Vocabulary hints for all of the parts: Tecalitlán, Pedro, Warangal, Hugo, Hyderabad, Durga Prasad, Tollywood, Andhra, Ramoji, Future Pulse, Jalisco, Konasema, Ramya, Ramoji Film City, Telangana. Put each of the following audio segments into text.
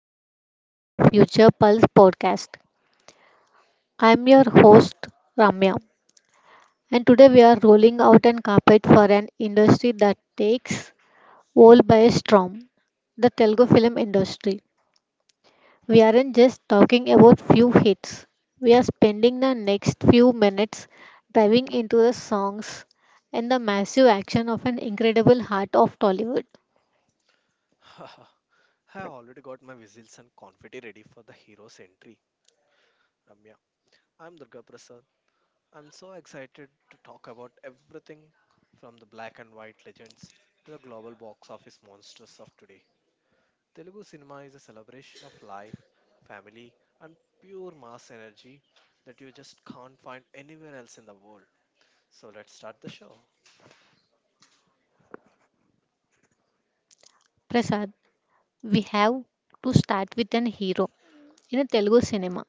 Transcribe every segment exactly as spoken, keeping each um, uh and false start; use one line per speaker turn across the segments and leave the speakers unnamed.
long edition of the Future Pulse podcast. I am your host, Ramya, and today we are rolling out an carpet for an industry that takes all by a storm, the Telugu film industry. We aren't just talking about few hits. We are spending the next few minutes diving into the songs and the massive action of an incredible heart of Tollywood.
I already got my whistles and confetti ready for the hero's entry, Ramya. I'm Durga Prasad. I'm so excited to talk about everything from the black and white legends to the global box office monsters of today. Telugu cinema is a celebration of life, family, and pure mass energy that you just can't find anywhere else in the world. So let's start the show.
Prasad, we have to start with an hero. In a Telugu cinema,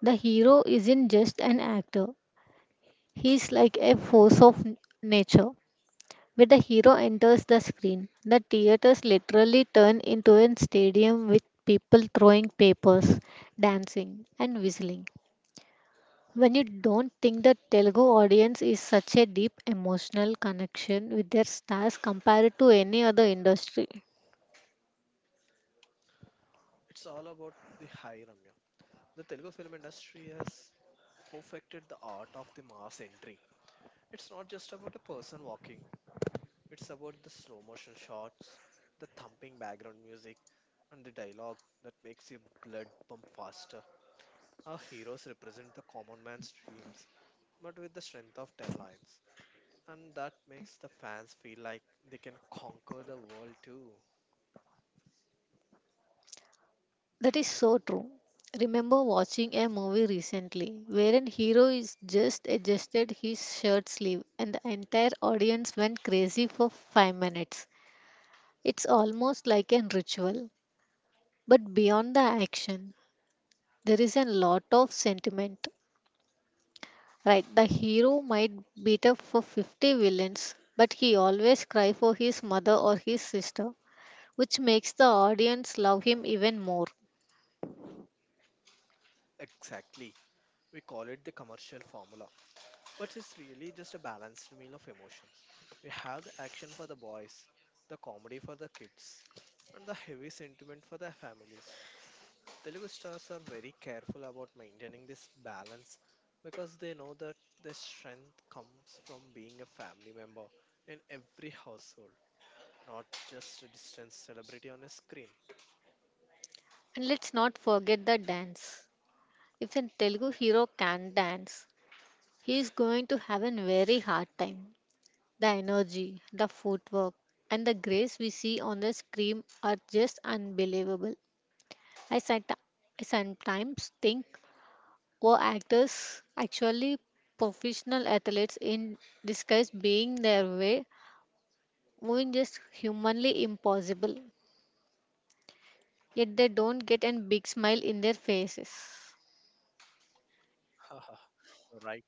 the hero isn't just an actor, he's like a force of n- nature. When the hero enters the screen, the theaters literally turn into a stadium with people throwing papers, dancing, and whistling. When you don't think the Telugu audience is such a deep emotional connection with their stars compared to any other industry.
It's all about the high Ramya. The Telugu film industry has perfected the art of the mass entry. It's not just about a person walking, it's about the slow motion shots, the thumping background music, and the dialogue that makes your blood pump faster. Our heroes represent the common man's dreams, but with the strength of ten lines. And that makes the fans feel like they can conquer the world too.
That is so true. Remember watching a movie recently where an hero is just adjusted his shirt sleeve and the entire audience went crazy for five minutes. It's almost like a ritual. But beyond the action, there is a lot of sentiment. Right, the hero might beat up for fifty villains, but he always cry for his mother or his sister, which makes the audience love him even more.
Exactly. We call it the commercial formula. But it's really just a balanced meal of emotions. We have the action for the boys, the comedy for the kids, and the heavy sentiment for the families. Telugu stars are very careful about maintaining this balance because they know that their strength comes from being a family member in every household, not just a distant celebrity on a screen.
And let's not forget the dance. If a Telugu hero can dance, he is going to have a very hard time. The energy, the footwork, and the grace we see on the screen are just unbelievable. I, sat- I sometimes think, were actors actually professional athletes in disguise being their way, moving just humanly impossible? Yet they don't get a big smile in their faces.
Haha, you're right.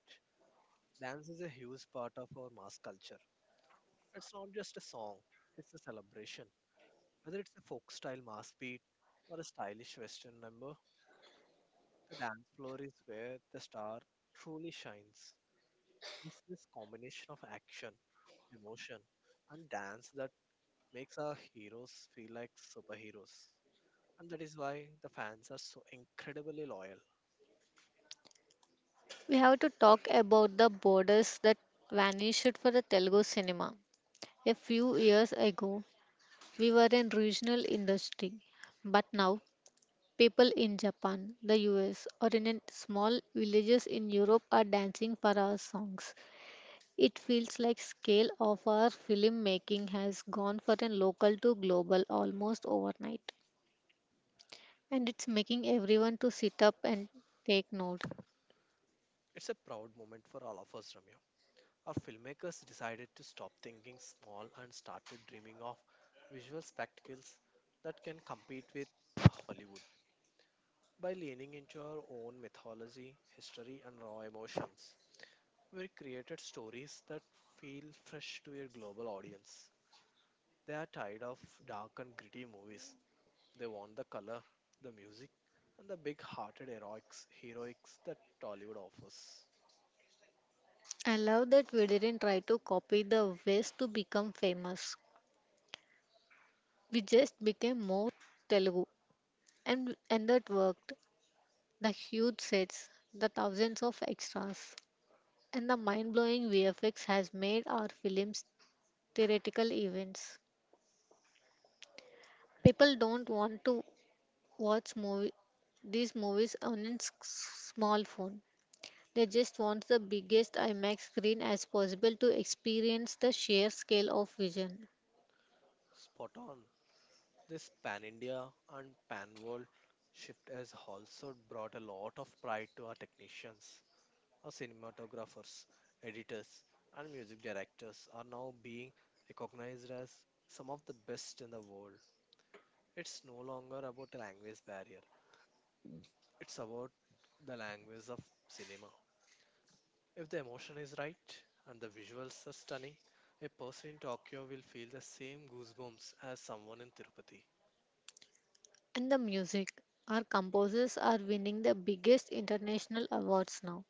Dance is a huge part of our mass culture. It's not just a song, it's a celebration. Whether it's a folk style mass beat or a stylish western number, the dance floor is where the star truly shines. It's this combination of action, emotion, and dance that makes our heroes feel like superheroes. And that is why the fans are so incredibly loyal.
We have to talk about the borders that vanished for the Telugu cinema. A few years ago, we were in regional industry, but now people in Japan, the U S, or in a small villages in Europe are dancing for our songs. It feels like scale of our filmmaking has gone from a local to global almost overnight, and it's making everyone to sit up and take note.
It's a proud moment for all of us, Ramya. Our filmmakers decided to stop thinking small and started dreaming of visual spectacles that can compete with Hollywood. By leaning into our own mythology, history, and raw emotions, we created stories that feel fresh to a global audience. They are tired of dark and gritty movies. They want the color, the music, and the big hearted heroics, heroics that Tollywood offers.
I love that we didn't try to copy the West to become famous. We just became more Telugu, and and that worked. The huge sets, the thousands of extras, and the mind-blowing V F X has made our films theoretical events. People don't want to watch movie these movies on a s- small phone. They just want the biggest IMAX screen as possible to experience the sheer scale of vision.
Spot on. This pan India and pan world shift has also brought a lot of pride to our technicians. Uh, cinematographers, editors, and music directors are now being recognized as some of the best in the world. It's no longer about a language barrier, it's about the language of cinema. If the emotion is right and the visuals are stunning, a person in Tokyo will feel the same goosebumps as someone in Tirupati.
And the music. Our composers are winning the biggest international awards now.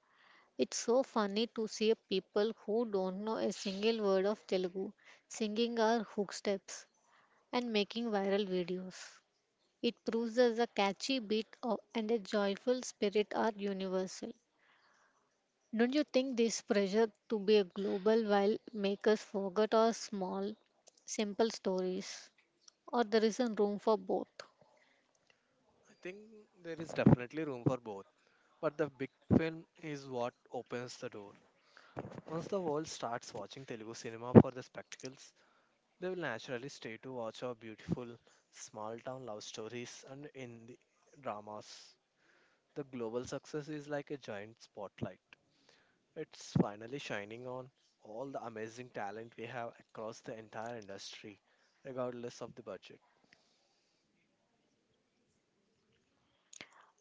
It's so funny to see people who don't know a single word of Telugu singing our hook steps and making viral videos. It proves that the catchy beat of, and a joyful spirit are universal. Don't you think this pressure to be a global while make us forget our small, simple stories? Or there is a room for both?
I think there is definitely room for both, but the big film is what opens the door. Once the world starts watching Telugu cinema for the spectacles, they will naturally stay to watch our beautiful small town love stories and in the dramas. The global success is like a giant spotlight. It's finally shining on all the amazing talent we have across the entire industry, regardless of the budget.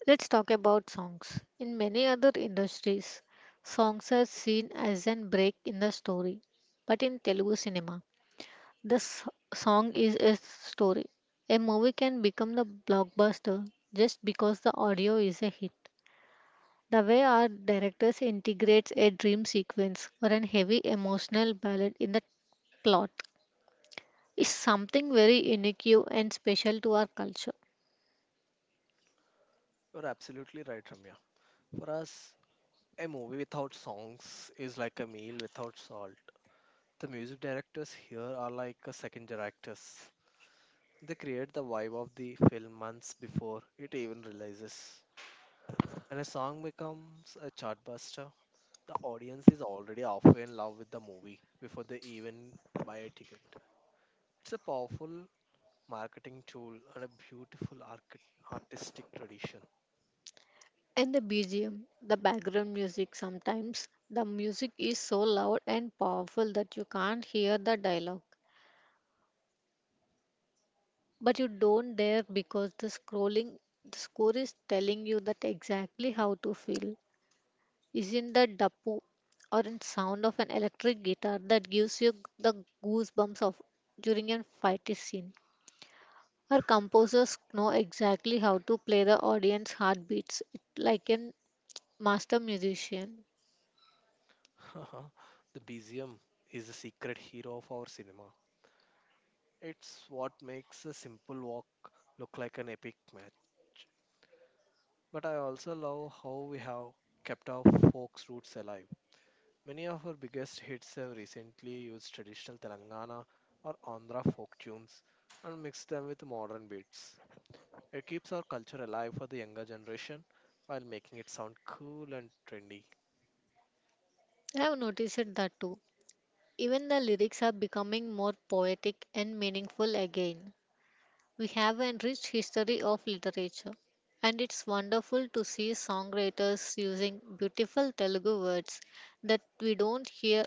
Let's talk about songs. In many other industries, songs are seen as an break in the story. But in Telugu cinema, the s- song is a story. A movie can become the blockbuster just because the audio is a hit. The way our directors integrates a dream sequence or an heavy emotional ballad in the plot is something very unique and special to our culture.
You're absolutely right, Ramya. For us, a movie without songs is like a meal without salt. The music directors here are like a second directors. They create the vibe of the film months before it even releases. When a song becomes a chartbuster, the audience is already halfway in love with the movie before they even buy a ticket. It's a powerful marketing tool and a beautiful archi- artistic tradition.
And the B G M, the background music sometimes, the music is so loud and powerful that you can't hear the dialogue. But you don't dare because the scrolling the score is telling you that exactly how to feel. Isn't that dapu or in sound of an electric guitar that gives you the goosebumps of during a fighty scene? Our composers know exactly how to play the audience heartbeats it- like a master musician.
The B G M is the secret hero of our cinema. It's what makes a simple walk look like an epic match. But I also love how we have kept our folks' roots alive. Many of her biggest hits have recently used traditional Telangana or Andhra folk tunes and mixed them with modern beats. It keeps our culture alive for the younger generation while making it sound cool and trendy.
I have noticed it that too. Even the lyrics are becoming more poetic and meaningful again. We have a rich history of literature, and it's wonderful to see songwriters using beautiful Telugu words that we don't hear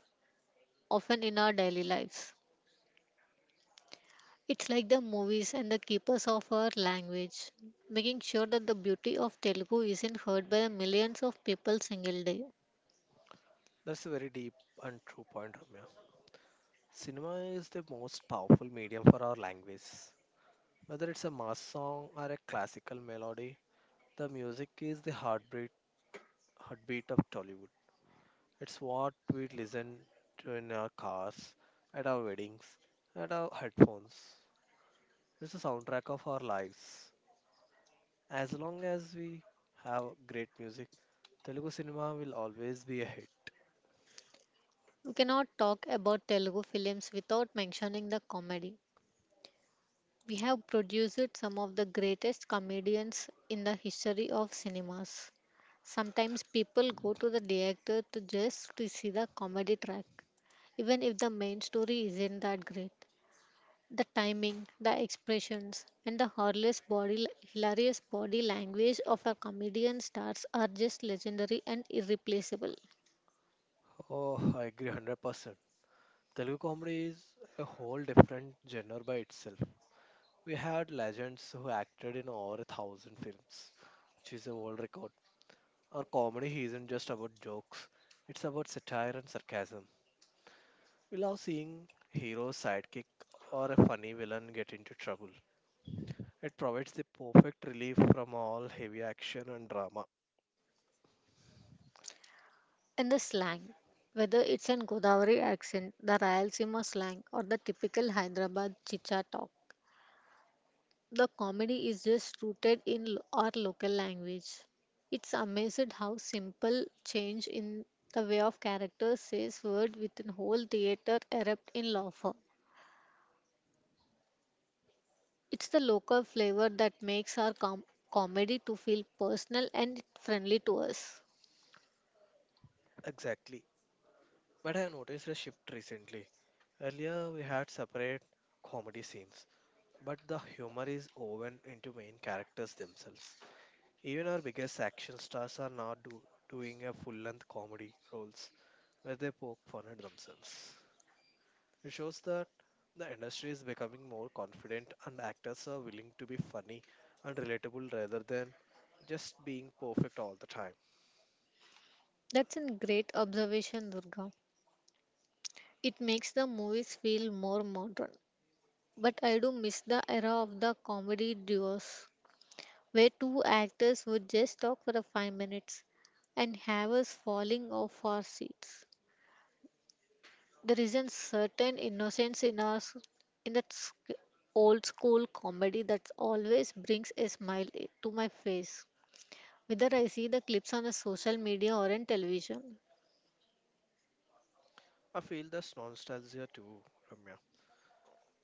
often in our daily lives. It's like the movies and the keepers of our language, making sure that the beauty of Telugu isn't heard by the millions of people single day.
That's a very deep and true point, Ramya. Cinema is the most powerful medium for our language. Whether it's a mass song or a classical melody, the music is the heartbeat, heartbeat of Tollywood. It's what we listen to in our cars, at our weddings, at our headphones. It's the soundtrack of our lives. As long as we have great music, Telugu cinema will always be a hit.
We cannot talk about Telugu films without mentioning the comedy. We have produced some of the greatest comedians in the history of cinemas. Sometimes people go to the theater to just to see the comedy track, even if the main story isn't that great. The timing, the expressions, and the harmless body, hilarious body language of our comedian stars are just legendary and irreplaceable.
Oh, I agree one hundred percent. Telugu comedy is a whole different genre by itself. We had legends who acted in over a thousand films, which is a world record. Our comedy isn't just about jokes, it's about satire and sarcasm. We love seeing hero, sidekick, or a funny villain get into trouble. It provides the perfect relief from all heavy action and drama.
And the slang, whether it's an Godavari accent, the Rayalaseema slang, or the typical Hyderabad chicha talk, the comedy is just rooted in lo- our local language. It's amazing how simple change in the way of characters says word within whole theater erupt in laughter. It's the local flavor that makes our com- comedy to feel personal and friendly to us.
Exactly. But I noticed a shift recently. Earlier, we had separate comedy scenes, but the humor is woven into main characters themselves. Even our biggest action stars are now do- doing a full length comedy roles where they poke fun at themselves. It shows that the industry is becoming more confident and actors are willing to be funny and relatable rather than just being perfect all the time.
That's a great observation, Durga. It makes the movies feel more modern. But I do miss the era of the comedy duos, where two actors would just talk for a five minutes and have us falling off our seats. There is a certain innocence in us in that sc- old school comedy that always brings a smile i- to my face, whether I see the clips on a social media or in television.
I feel that's nostalgia too, Ramya.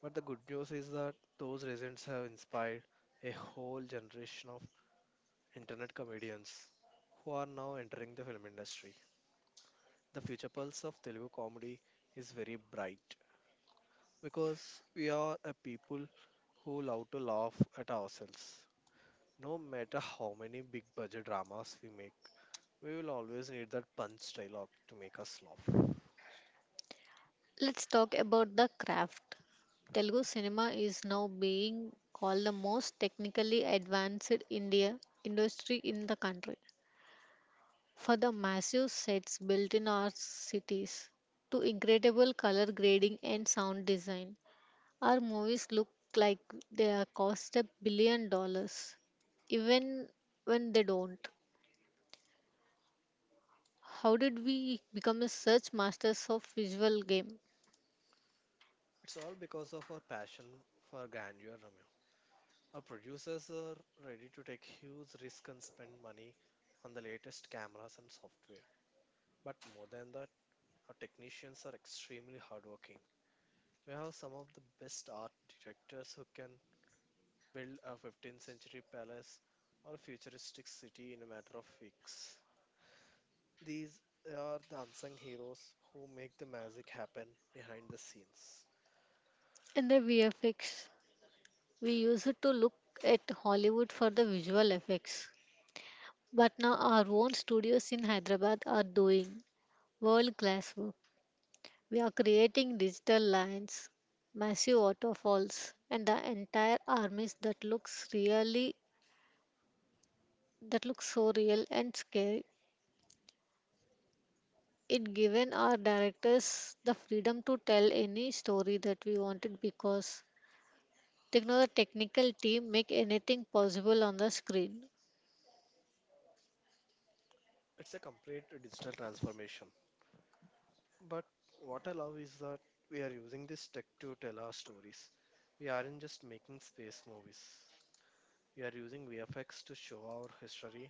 But the good news is that those reasons have inspired a whole generation of internet comedians who are now entering the film industry. The future pulse of Telugu comedy is very bright because we are a people who love to laugh at ourselves. No matter how many big budget dramas we make, we will always need that punch dialogue to make us laugh.
Let's talk about the craft. Telugu cinema is now being called the most technically advanced India industry in the country, for the massive sets built in our cities to incredible color grading and sound design. Our movies look like they are cost a billion dollars, even when they don't. How did we become a such masters of visual game?
It's all because of our passion for grandeur, Ramya. Our producers are ready to take huge risks and spend money on the latest cameras and software. But more than that, our technicians are extremely hardworking. We have some of the best art directors who can build a fifteenth century palace or futuristic city in a matter of weeks. These are the unsung heroes who make the magic happen behind the scenes.
And the V F X, we used it to look at Hollywood for the visual effects. But now our own studios in Hyderabad are doing world class work. We are creating digital lands, massive waterfalls, and the entire armies that looks really that looks so real and scary. It given our directors the freedom to tell any story that we wanted because techno the technical team make anything possible on the screen.
It's a complete digital transformation. But what I love is that we are using this tech to tell our stories. We aren't just making space movies. We are using V F X to show our history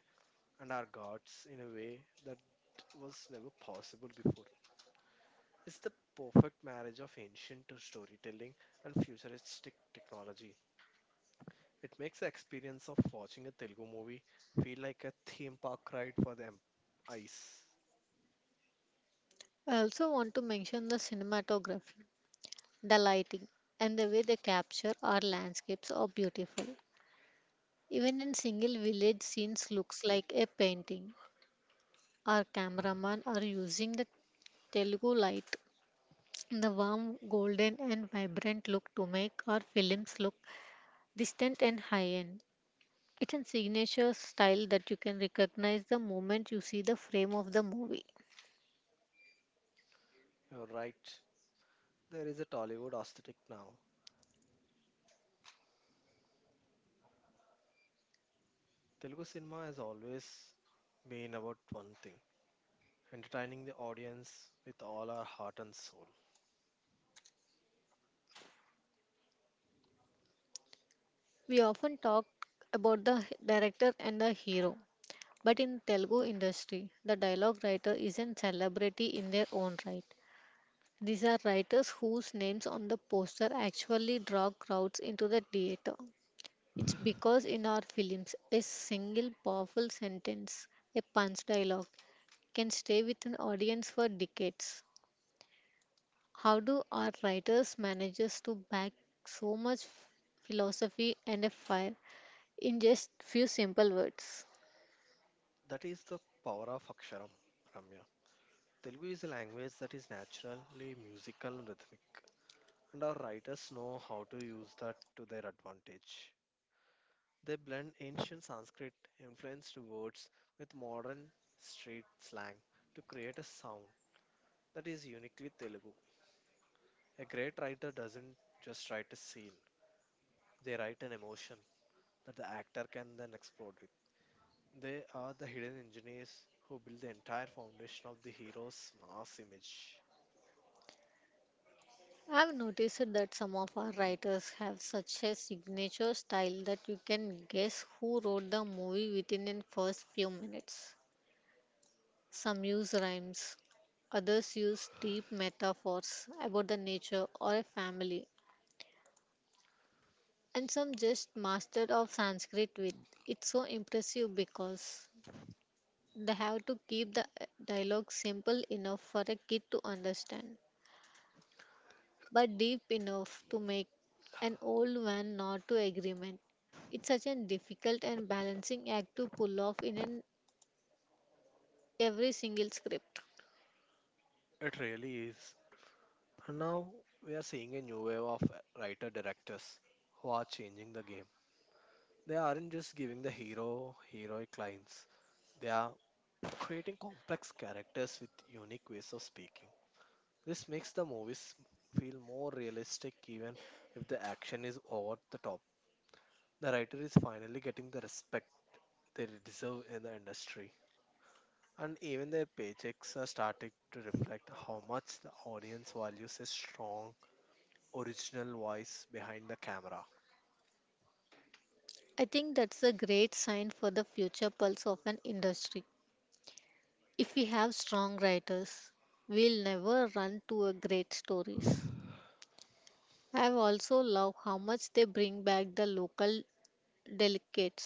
and our gods in a way that was never possible before. It's the perfect marriage of ancient storytelling and futuristic technology. It makes the experience of watching a Telugu movie feel like a theme park ride for the em- eyes.
I also want to mention the cinematography, the lighting, and the way they capture our landscapes are beautiful. Even in single village scenes looks like a painting. Our cameraman are using the Telugu light, the warm, golden, and vibrant look to make our films look distant and high end. It's a signature style that you can recognize the moment you see the frame of the movie.
You're right, there is a Tollywood aesthetic now. Telugu cinema has always been about one thing, entertaining the audience with all our heart and soul.
We often talk about the h- director and the hero, but in Telugu industry, the dialogue writer is a celebrity in their own right. These are writers whose names on the poster actually draw crowds into the theater. It's because in our films, a single powerful sentence, a punch dialogue, can stay with an audience for decades. How do our writers manage to back so much philosophy and a fire in just few simple words?
That is the power of Aksharam, Ramya. Telugu is a language that is naturally musical and rhythmic, and our writers know how to use that to their advantage. They blend ancient Sanskrit influenced words with modern street slang to create a sound that is uniquely Telugu. A great writer doesn't just write a scene, they write an emotion that the actor can then explode with. They are the hidden engineers who build the entire foundation of the hero's mass image.
I've noticed that some of our writers have such a signature style that you can guess who wrote the movie within the first few minutes. Some use rhymes, others use deep metaphors about the nature or a family, and some just mastered of Sanskrit with. It's so impressive because they have to keep the uh, dialogue simple enough for a kid to understand, but deep enough to make an old man nod to agreement. It's such a difficult and balancing act to pull off in an every single script.
It really is. And now we are seeing a new wave of writer directors who are changing the game. They aren't just giving the hero heroic lines, they are creating complex characters with unique ways of speaking. This makes the movies feel more realistic even if the action is over the top. The writer is finally getting the respect they deserve in the industry. And even their paychecks are starting to reflect how much the audience values a strong, original voice behind the camera.
I think that's a great sign for the future pulse of an industry. If we have strong writers, we'll never run to a great stories. I've also love how much they bring back the local delicates,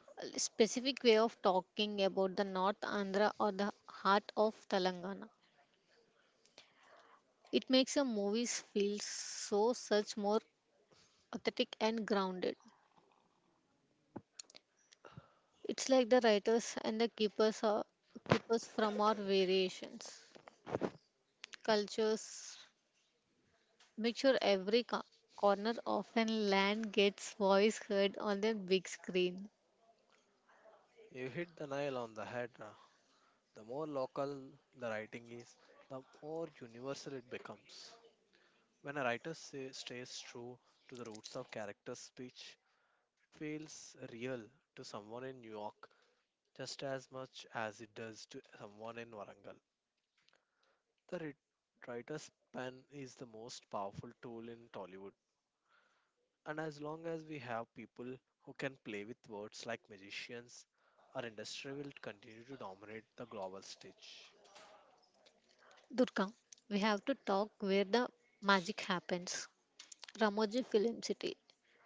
a specific way of talking about the North Andhra or the heart of Telangana. It makes the movies feel so such more authentic and grounded. It's like the writers and the keepers are keepers from our variations, cultures, make sure every co- corner of an land gets voice heard on the big screen.
You hit the nail on the head. uh, The more local the writing is, the more universal it becomes. When a writer say, stays true to the roots of character speech, it feels real to someone in New York just as much as it does to someone in Warangal. The writ- writer's pen is the most powerful tool in Tollywood, and as long as we have people who can play with words like magicians, our industry will continue to dominate the global stage.
Durga, we have to talk where the magic happens. Ramoji Film City.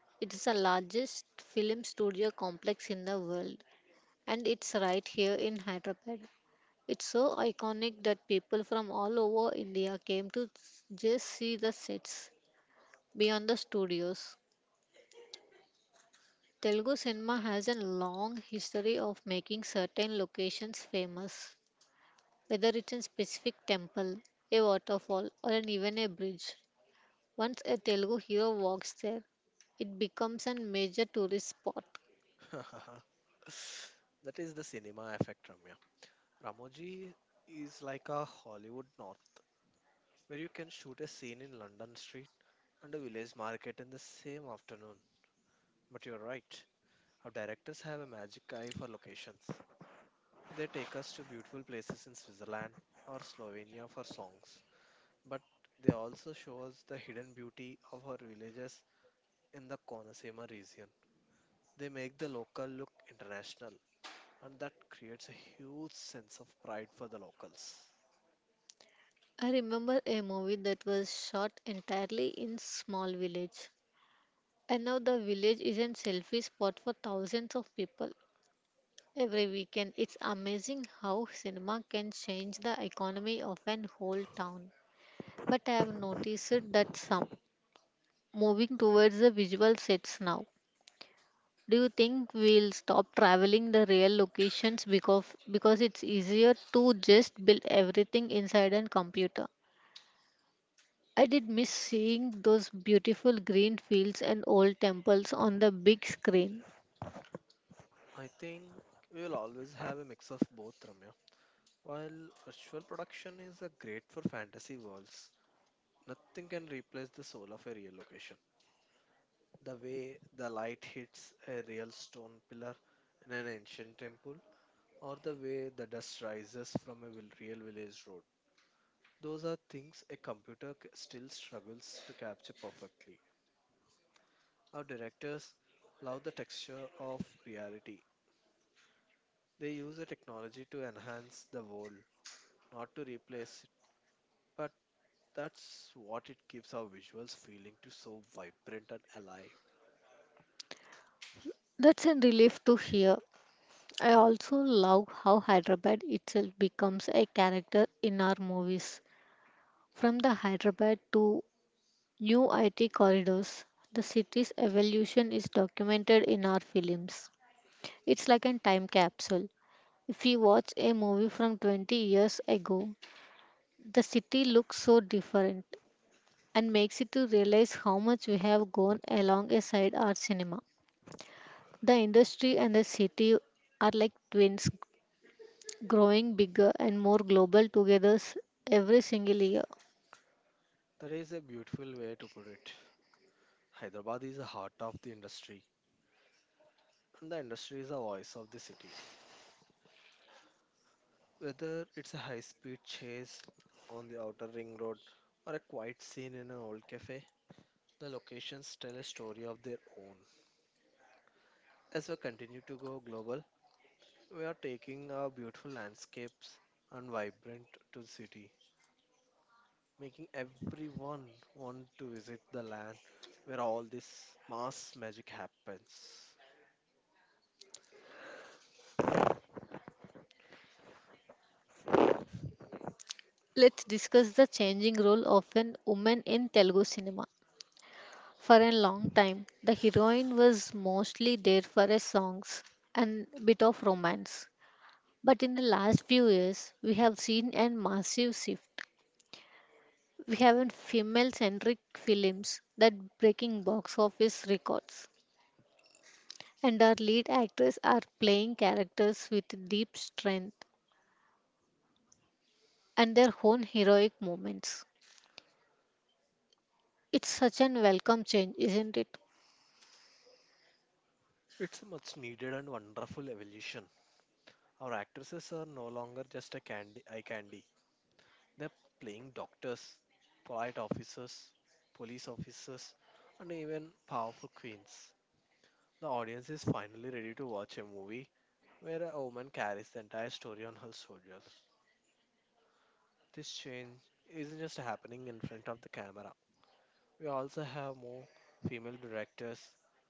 It's the largest film studio complex in the world, and it's right here in Hyderabad. It's so iconic that people from all over India came to s- just see the sets beyond the studios. Telugu cinema has a long history of making certain locations famous, whether it's a specific temple, a waterfall, or an, even a bridge. Once a Telugu hero walks there, it becomes a major tourist spot.
That is the cinema effect, Ramya. Ramoji is like a Hollywood North where you can shoot a scene in London street and a village market in the same afternoon. But you're right, our directors have a magic eye for locations. They take us to beautiful places in Switzerland or Slovenia for songs, but they also show us the hidden beauty of our villages in the Konasema region. They make the local look international, and that creates a huge sense of pride for the locals.
I remember a movie that was shot entirely in small village. And now the village is a selfie spot for thousands of people every weekend. It's amazing how cinema can change the economy of an whole town. But I have noticed that some moving towards the visual sets now. Do you think we'll stop traveling the real locations because because it's easier to just build everything inside a computer? I did miss seeing those beautiful green fields and old temples on the big screen.
I think we will always have a mix of both, Ramya. While virtual production is a great for fantasy worlds, nothing can replace the soul of a real location. The way the light hits a real stone pillar in an ancient temple, or the way the dust rises from a vil- real village road. Those are things a computer c- still struggles to capture perfectly. Our directors love the texture of reality. They use the technology to enhance the world, not to replace it. But that's what it gives our visuals feeling to so vibrant and alive.
That's a relief to hear. I also love how Hyderabad itself becomes a character in our movies. From the Hyderabad to New I T corridors. The city's evolution is documented in our films. It's like a time capsule. If we watch a movie from twenty years ago, the city looks so different and makes it to realize how much we have gone along alongside our cinema. The industry and the city are like twins growing bigger and more global together s- every single year.
That is a beautiful way to put it. Hyderabad is the heart of the industry, and the industry is the voice of the city. Whether it's a high speed chase on the outer ring road or a quiet scene in an old cafe, the locations tell a story of their own. As we continue to go global, we are taking our beautiful landscapes and vibrant to the city making everyone want to visit the land where all this mass magic happens.
Let's discuss the changing role of an woman in Telugu cinema. For a long time, the heroine was mostly there for her songs and bit of romance. But in the last few years, we have seen a massive shift. We have female-centric films that breaking box office records, and our lead actors are playing characters with deep strength and their own heroic moments. It's such an welcome change, isn't it?
It's a much needed and wonderful evolution. Our actresses are no longer just a candy eye candy. They're playing doctors, polite officers, police officers, and even powerful queens. The audience is finally ready to watch a movie where a woman carries the entire story on her shoulders. This change isn't just happening in front of the camera. We also have more female directors,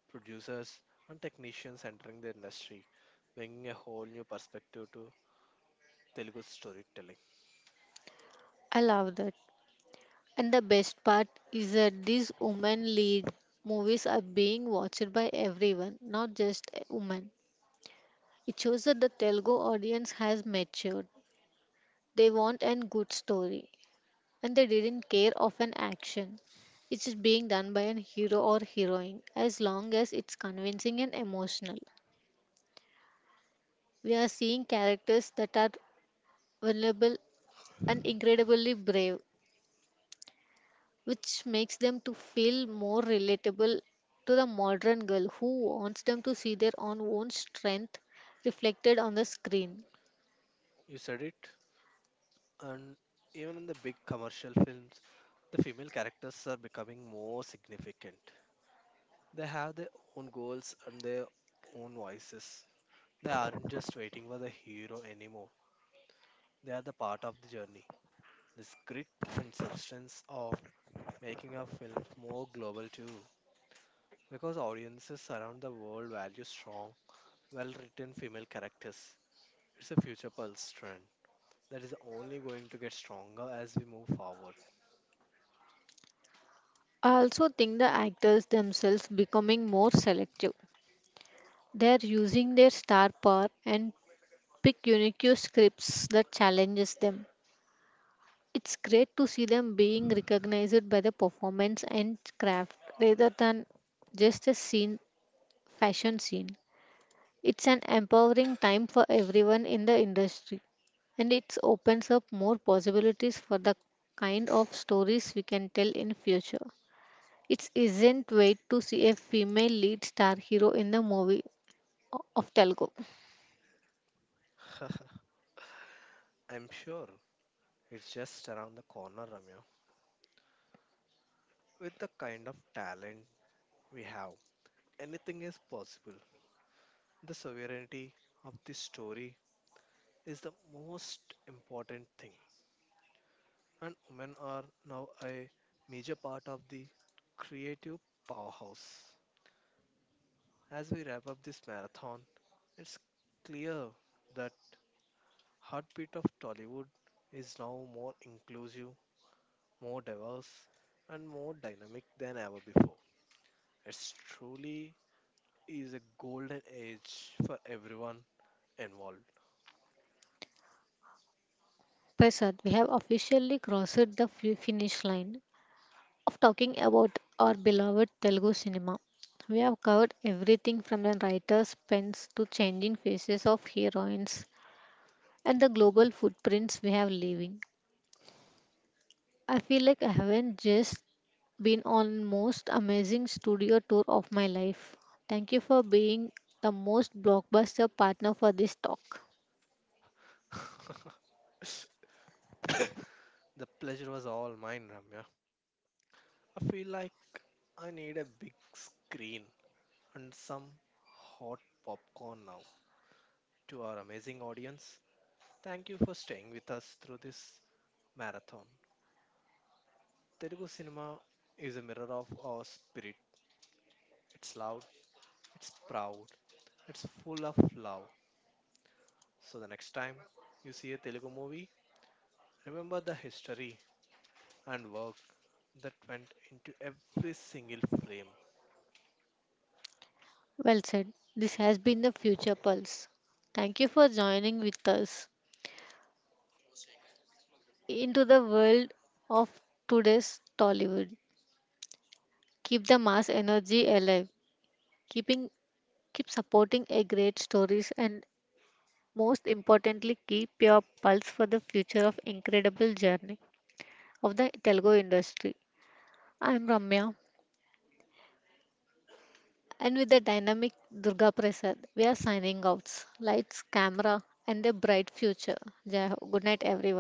producers, and technicians entering the industry, bringing a whole new perspective to Telugu storytelling.
I love that. And the best part is that these women lead movies are being watched by everyone, not just women. It shows that the Telugu audience has matured. They want a good story, and they didn't care of an action. It is being done by an hero or heroine, as long as it's convincing and emotional. We are seeing characters that are vulnerable and incredibly brave, which makes them to feel more relatable to the modern girl who wants them to see their own own strength reflected on the screen.
You said it, and even in the big commercial films, the female characters are becoming more significant. They have their own goals and their own voices. They aren't just waiting for the hero anymore, they are the part of the journey. This grit and substance are making our films more global too, because audiences around the world value strong, well written female characters. It's a future pulse trend that is only going to get stronger as we move forward.
I also think the actors themselves becoming more selective. They're using their star power and pick unique scripts that challenges them. It's great to see them being recognized by the performance and craft rather than just a scene fashion scene. It's an empowering time for everyone in the industry, and it opens up more possibilities for the kind of stories we can tell in future. It isn't wait to see a female lead star hero in the movie o- of Telugu.
I'm sure it's just around the corner, Ramya. With the kind of talent we have, anything is possible. The sovereignty of this story is the most important thing, and women are now a major part of the creative powerhouse. As we wrap up this marathon, it's clear that heartbeat of Tollywood is now more inclusive, more diverse, and more dynamic than ever before. It truly is a golden age for everyone involved.
Prasad, we have officially crossed the fi- finish line of talking about our beloved Telugu cinema. We have covered everything from the writer's pens to changing faces of heroines and the global footprints we have leaving. I feel like I haven't just been on most amazing studio tour of my life. Thank you for being the most blockbuster partner for this talk.
The pleasure was all mine, Ramya. I feel like I need a big screen and some hot popcorn now. To our amazing audience, thank you for staying with us through this marathon. Telugu cinema is a mirror of our spirit. It's loud, it's proud, it's full of love. So the next time you see a Telugu movie, remember the history and work that went into every single frame.
Well said. This has been the Future Pulse. Thank you for joining with us into the world of today's Tollywood. Keep the mass energy alive. Keeping Keep supporting a great stories and most importantly keep your pulse for the future of incredible journey of the Telugu industry. I am Ramya, and with the dynamic Durga Prasad, we are signing out. Lights, camera, and a bright future. Jai Ho. Good night, everyone.